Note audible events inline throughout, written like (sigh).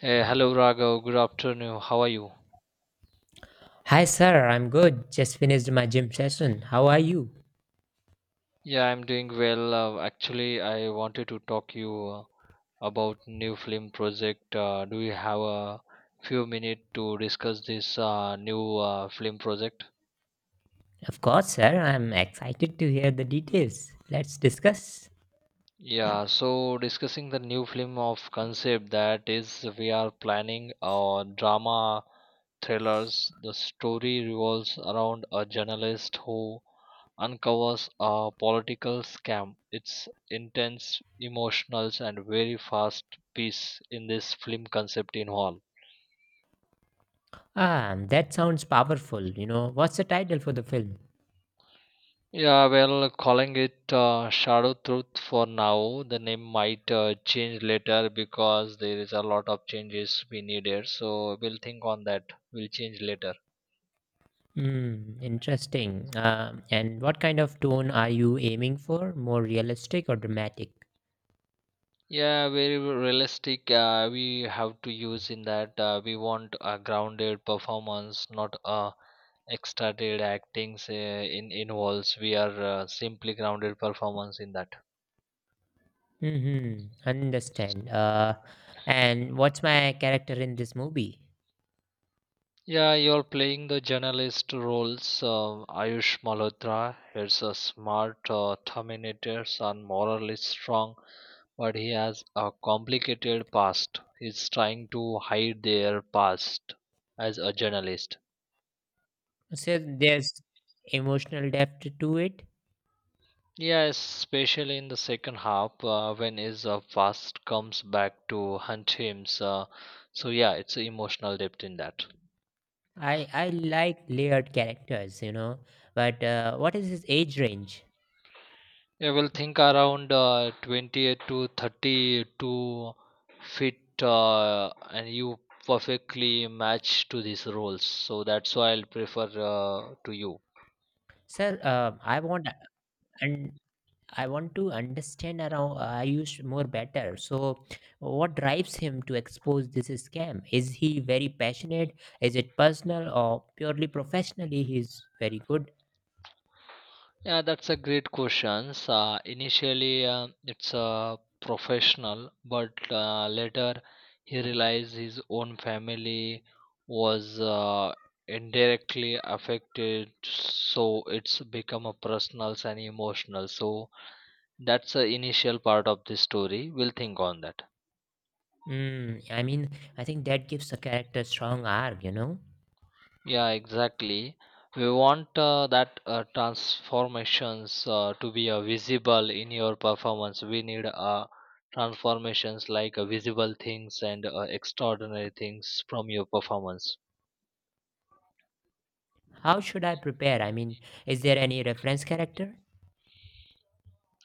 Hey, hello Raghav. Good afternoon. How are you? Hi, sir. I'm good. Just finished my gym session. How are you? Yeah, I'm doing well. Actually, I wanted to talk you about new film project. Do you have a few minutes to discuss this new film project? Of course, sir. I'm excited to hear the details. Let's discuss. Yeah, so discussing the new film of concept that is we are planning a drama thrillers, the story revolves around a journalist who uncovers a political scam. It's intense, emotional, and very fast piece in this film concept In involved. Ah, that sounds powerful. You know, what's the title for the film? Yeah, well, calling it Shadow Truth for now. The name might change later because there is a lot of changes we needed. So we'll think on that. We'll change later. Hmm, interesting. And what kind of tone are you aiming for? More realistic or dramatic? Yeah, very realistic. We have to use in that. We want a grounded performance, not a extracted actings in involves. We are simply grounded performance in that. Mm-hmm. Understand. And what's my character in this movie? Yeah, you're playing the journalist roles. Ayush Malhotra is a smart terminator and morally strong, but he has a complicated past. He's trying to hide their past as a journalist. So there's emotional depth to it. Yeah, especially in the second half when his fast comes back to hunt him. So yeah, it's emotional depth in that. I like layered characters, you know. But what is his age range, Yeah, we'll think around 28 to 32 feet, and you perfectly match to these roles. So that's why I'll prefer to you. sir? I want and I want to understand around I Ayush more better. So, what drives him to expose this scam? Is he very passionate? Is it personal or purely professionally? He's very good. Yeah, that's a great question. Initially, it's a professional, but later he realized his own family was indirectly affected, so it's become a personal and emotional. So that's the initial part of the story. We'll think on that. I mean, I think that gives a character strong arc. You know, Yeah, exactly. We want that transformations to be visible in your performance. We need transformations like visible things and extraordinary things from your performance. how should I prepare? I mean, is there any reference character?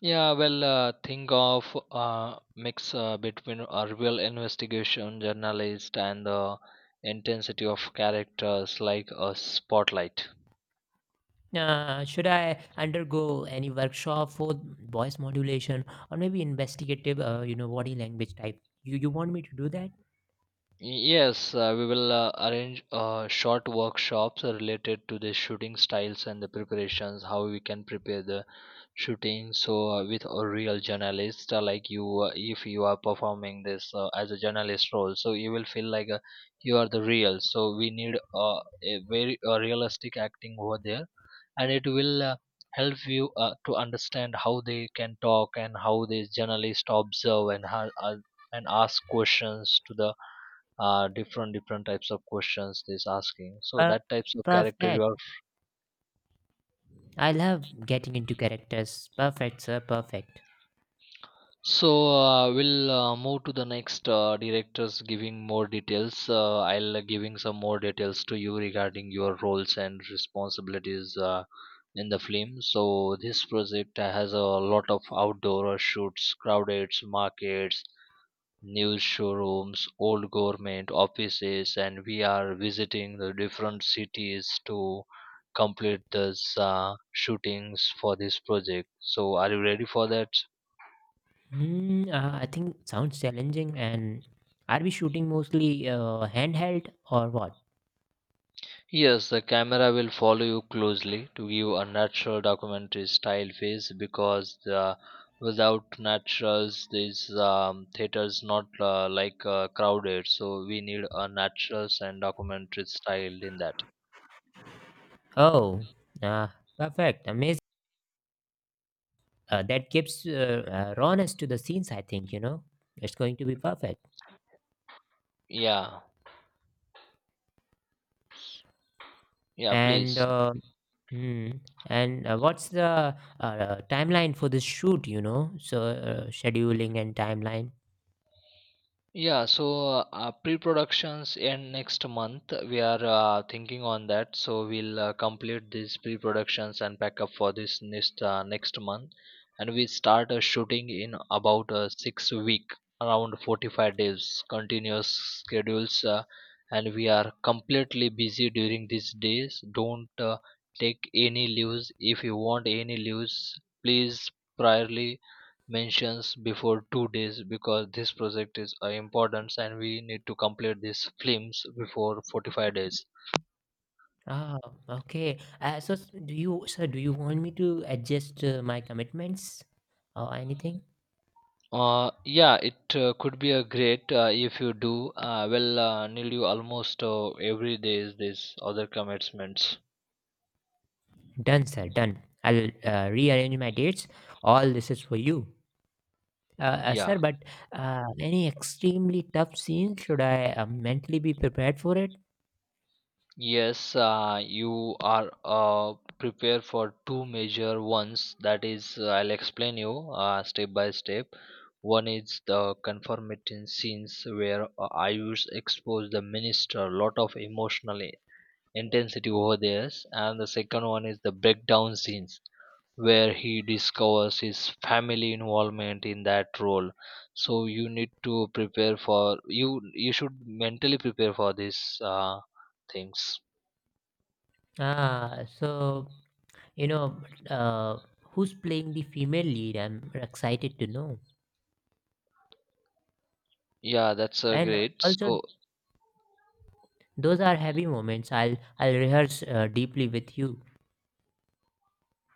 Yeah, well, think of mix between a real investigation journalist and the intensity of characters like a spotlight. Should I undergo any workshop for voice modulation or maybe investigative, you know, body language type? You want me to do that? Yes, we will arrange short workshops related to the shooting styles and the preparations, how we can prepare the shooting. So, with a real journalist like you, if you are performing this as a journalist role, so you will feel like you are the real. So, we need a very realistic acting over there, and it will help you to understand how they can talk and how the journalists observe and how, and ask questions to the different different types of questions this asking so Per- that types of character you Perfect. are I love getting into characters. Perfect, sir. Perfect. so we'll move to the next directors giving more details I'll giving some more details to you regarding your roles and responsibilities in the film so this project has a lot of outdoor shoots crowded markets news showrooms, old government offices, and we are visiting the different cities to complete this shootings for this project. So, are you ready for that? Hmm. I think sounds challenging. And are we shooting mostly handheld or what? Yes, the camera will follow you closely to give a natural documentary style face because the, without naturals, these theaters not like crowded. So we need a naturals and documentary style in that. Oh, uh, perfect. Amazing. That gives rawness to the scenes. I think you know it's going to be perfect. Yeah, yeah, And please. Hmm. What's the timeline for this shoot, you know? So scheduling and timeline. Yeah, so pre-productions end next month. We are thinking on that, so we'll complete these pre-productions and pack up for this next month, and we start shooting in about 6 week, around 45 days, continuous schedules, and we are completely busy during these days. Don't take any leaves. If you want any leaves, please priorly mentions before 2 days because this project is important and we need to complete these films before 45 days Ah, okay. Do you, sir, do you want me to adjust my commitments or anything? Yeah it could be a great if you do well nearly almost every day is this other commitments Done, sir, done. I'll rearrange my dates. All this is for you. Sir, yeah. but any extremely tough scenes, should I mentally be prepared for it? Yes, you are prepared for two major ones. That is, I'll explain you step by step. One is the conformity scenes where Ayush expose the minister a lot of emotional intensity over there, and the second one is the breakdown scenes where he discovers his family involvement in that role. So you need to prepare for you. You should mentally prepare for these things. So, you know, uh, who's playing the female lead? I'm excited to know. Yeah, that's And great. also, So, those are heavy moments. I'll rehearse deeply with you.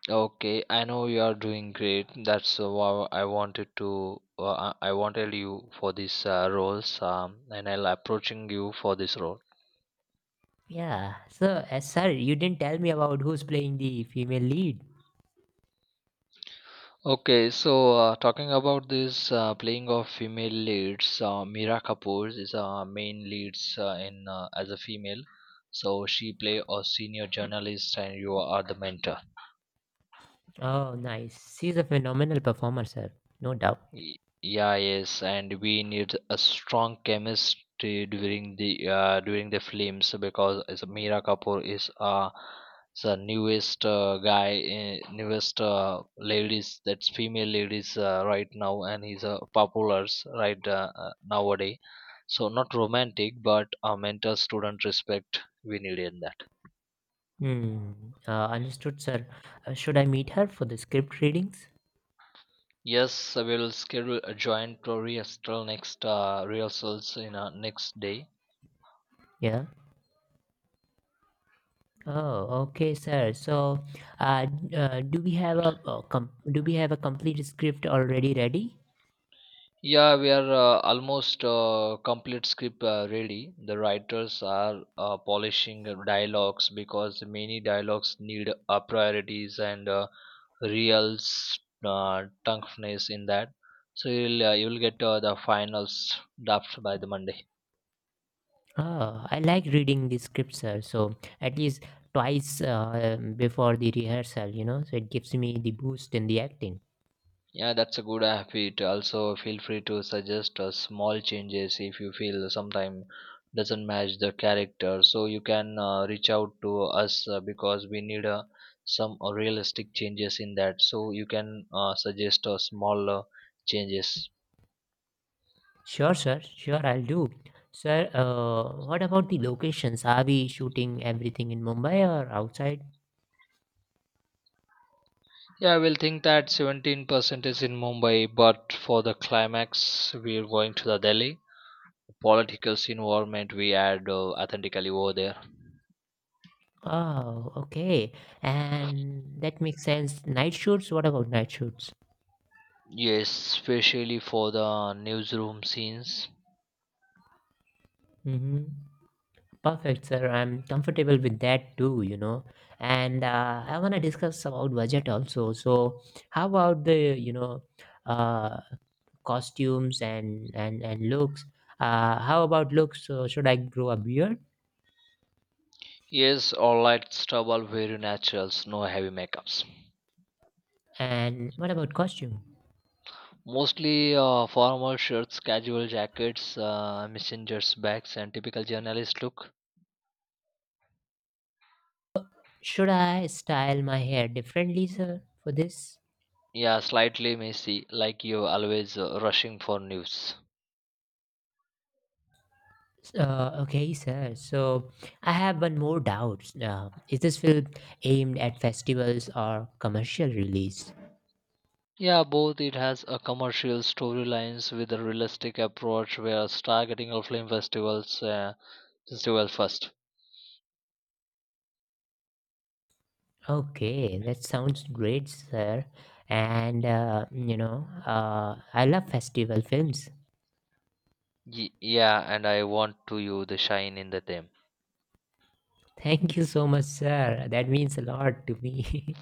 okay, I know you are doing great. That's why I wanted to, uh, I wanted you for this roles, and I'll approaching you for this role. Yeah. So, sir, you didn't tell me about who's playing the female lead. Okay, so talking about this playing of female leads, Meera Kapoor is a main leads in as a female. So she play a senior journalist, and you are the mentor. Oh, nice. She's a phenomenal performer, sir. No doubt. Y- Yeah, yes, and we need a strong chemistry during the films because as Meera Kapoor is the newest guy, newest ladies that's female ladies right now, and he's popular right nowadays. So not romantic, but a mentor student respect we need in that. Hmm. Understood, sir. Should I meet her for the script readings? Yes, we will schedule a joint rehearsal next rehearsals in next day. Yeah. Oh, okay, sir. So, do we have a do we have a complete script already ready? Yeah, we are almost complete script ready. The writers are polishing the dialogues because many dialogues need priorities and toughness in that. So you'll get the finals draft by the Monday. Ah, I like reading the scripture, so at least twice before the rehearsal, you know, so it gives me the boost in the acting. Yeah, that's a good habit. Also, feel free to suggest small changes if you feel sometime doesn't match the character. So you can reach out to us because we need some realistic changes in that. So you can suggest small changes. Sure, sir, sure, I'll do. Sir, what about the locations? Are we shooting everything in Mumbai or outside? Yeah, I will think that 17% is in Mumbai, but for the climax, we are going to the Delhi. Political environment we add authentically over there. Oh, okay. And that makes sense. Night shoots? What about night shoots? Yes, especially for the newsroom scenes. Mm-hmm. Perfect, sir. I'm comfortable with that too, you know. And I want to discuss about budget also. So, how about the, you know, uh, costumes and looks? How about looks? So, should I grow a beard? Yes, all light stubble very naturals, no heavy makeups. And what about costume? Mostly formal shirts, casual jackets, messengers bags, and typical journalist look. Should I style my hair differently, sir, for this? Yeah, slightly messy, like you're always rushing for news. Okay, sir. So, I have one more doubt. Is this film aimed at festivals or commercial release? Yeah, both it has a commercial storylines with a realistic approach where it's targeting of film festivals, festival first. Okay, that sounds great, sir. And you know, I love festival films. Yeah, and I want to you the shine in the them. (laughs) Thank you so much, sir. That means a lot to me.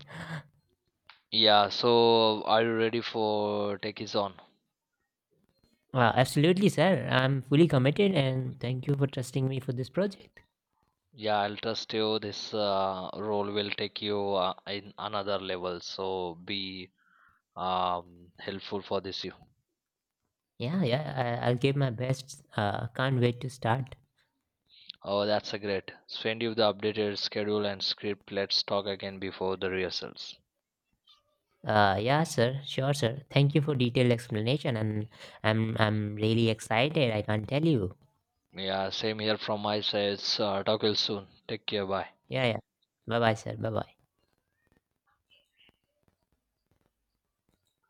Yeah, so are you ready for take is on? (laughs) Absolutely, sir. I'm fully committed, and thank you for trusting me for this project. Yeah, I'll trust you. This role will take you in another level. So be helpful for this you. Yeah, yeah. I'll give my best. Can't wait to start. Oh, that's a great. Send you the updated schedule and script. Let's talk again before the rehearsals. Yeah, sir. Sure, sir. Thank you for detailed explanation, and I'm really excited. I can't tell you. Yeah, same here from my side. So, talk will soon. Take care. Bye. Yeah, yeah. Bye, bye, sir. Bye, bye.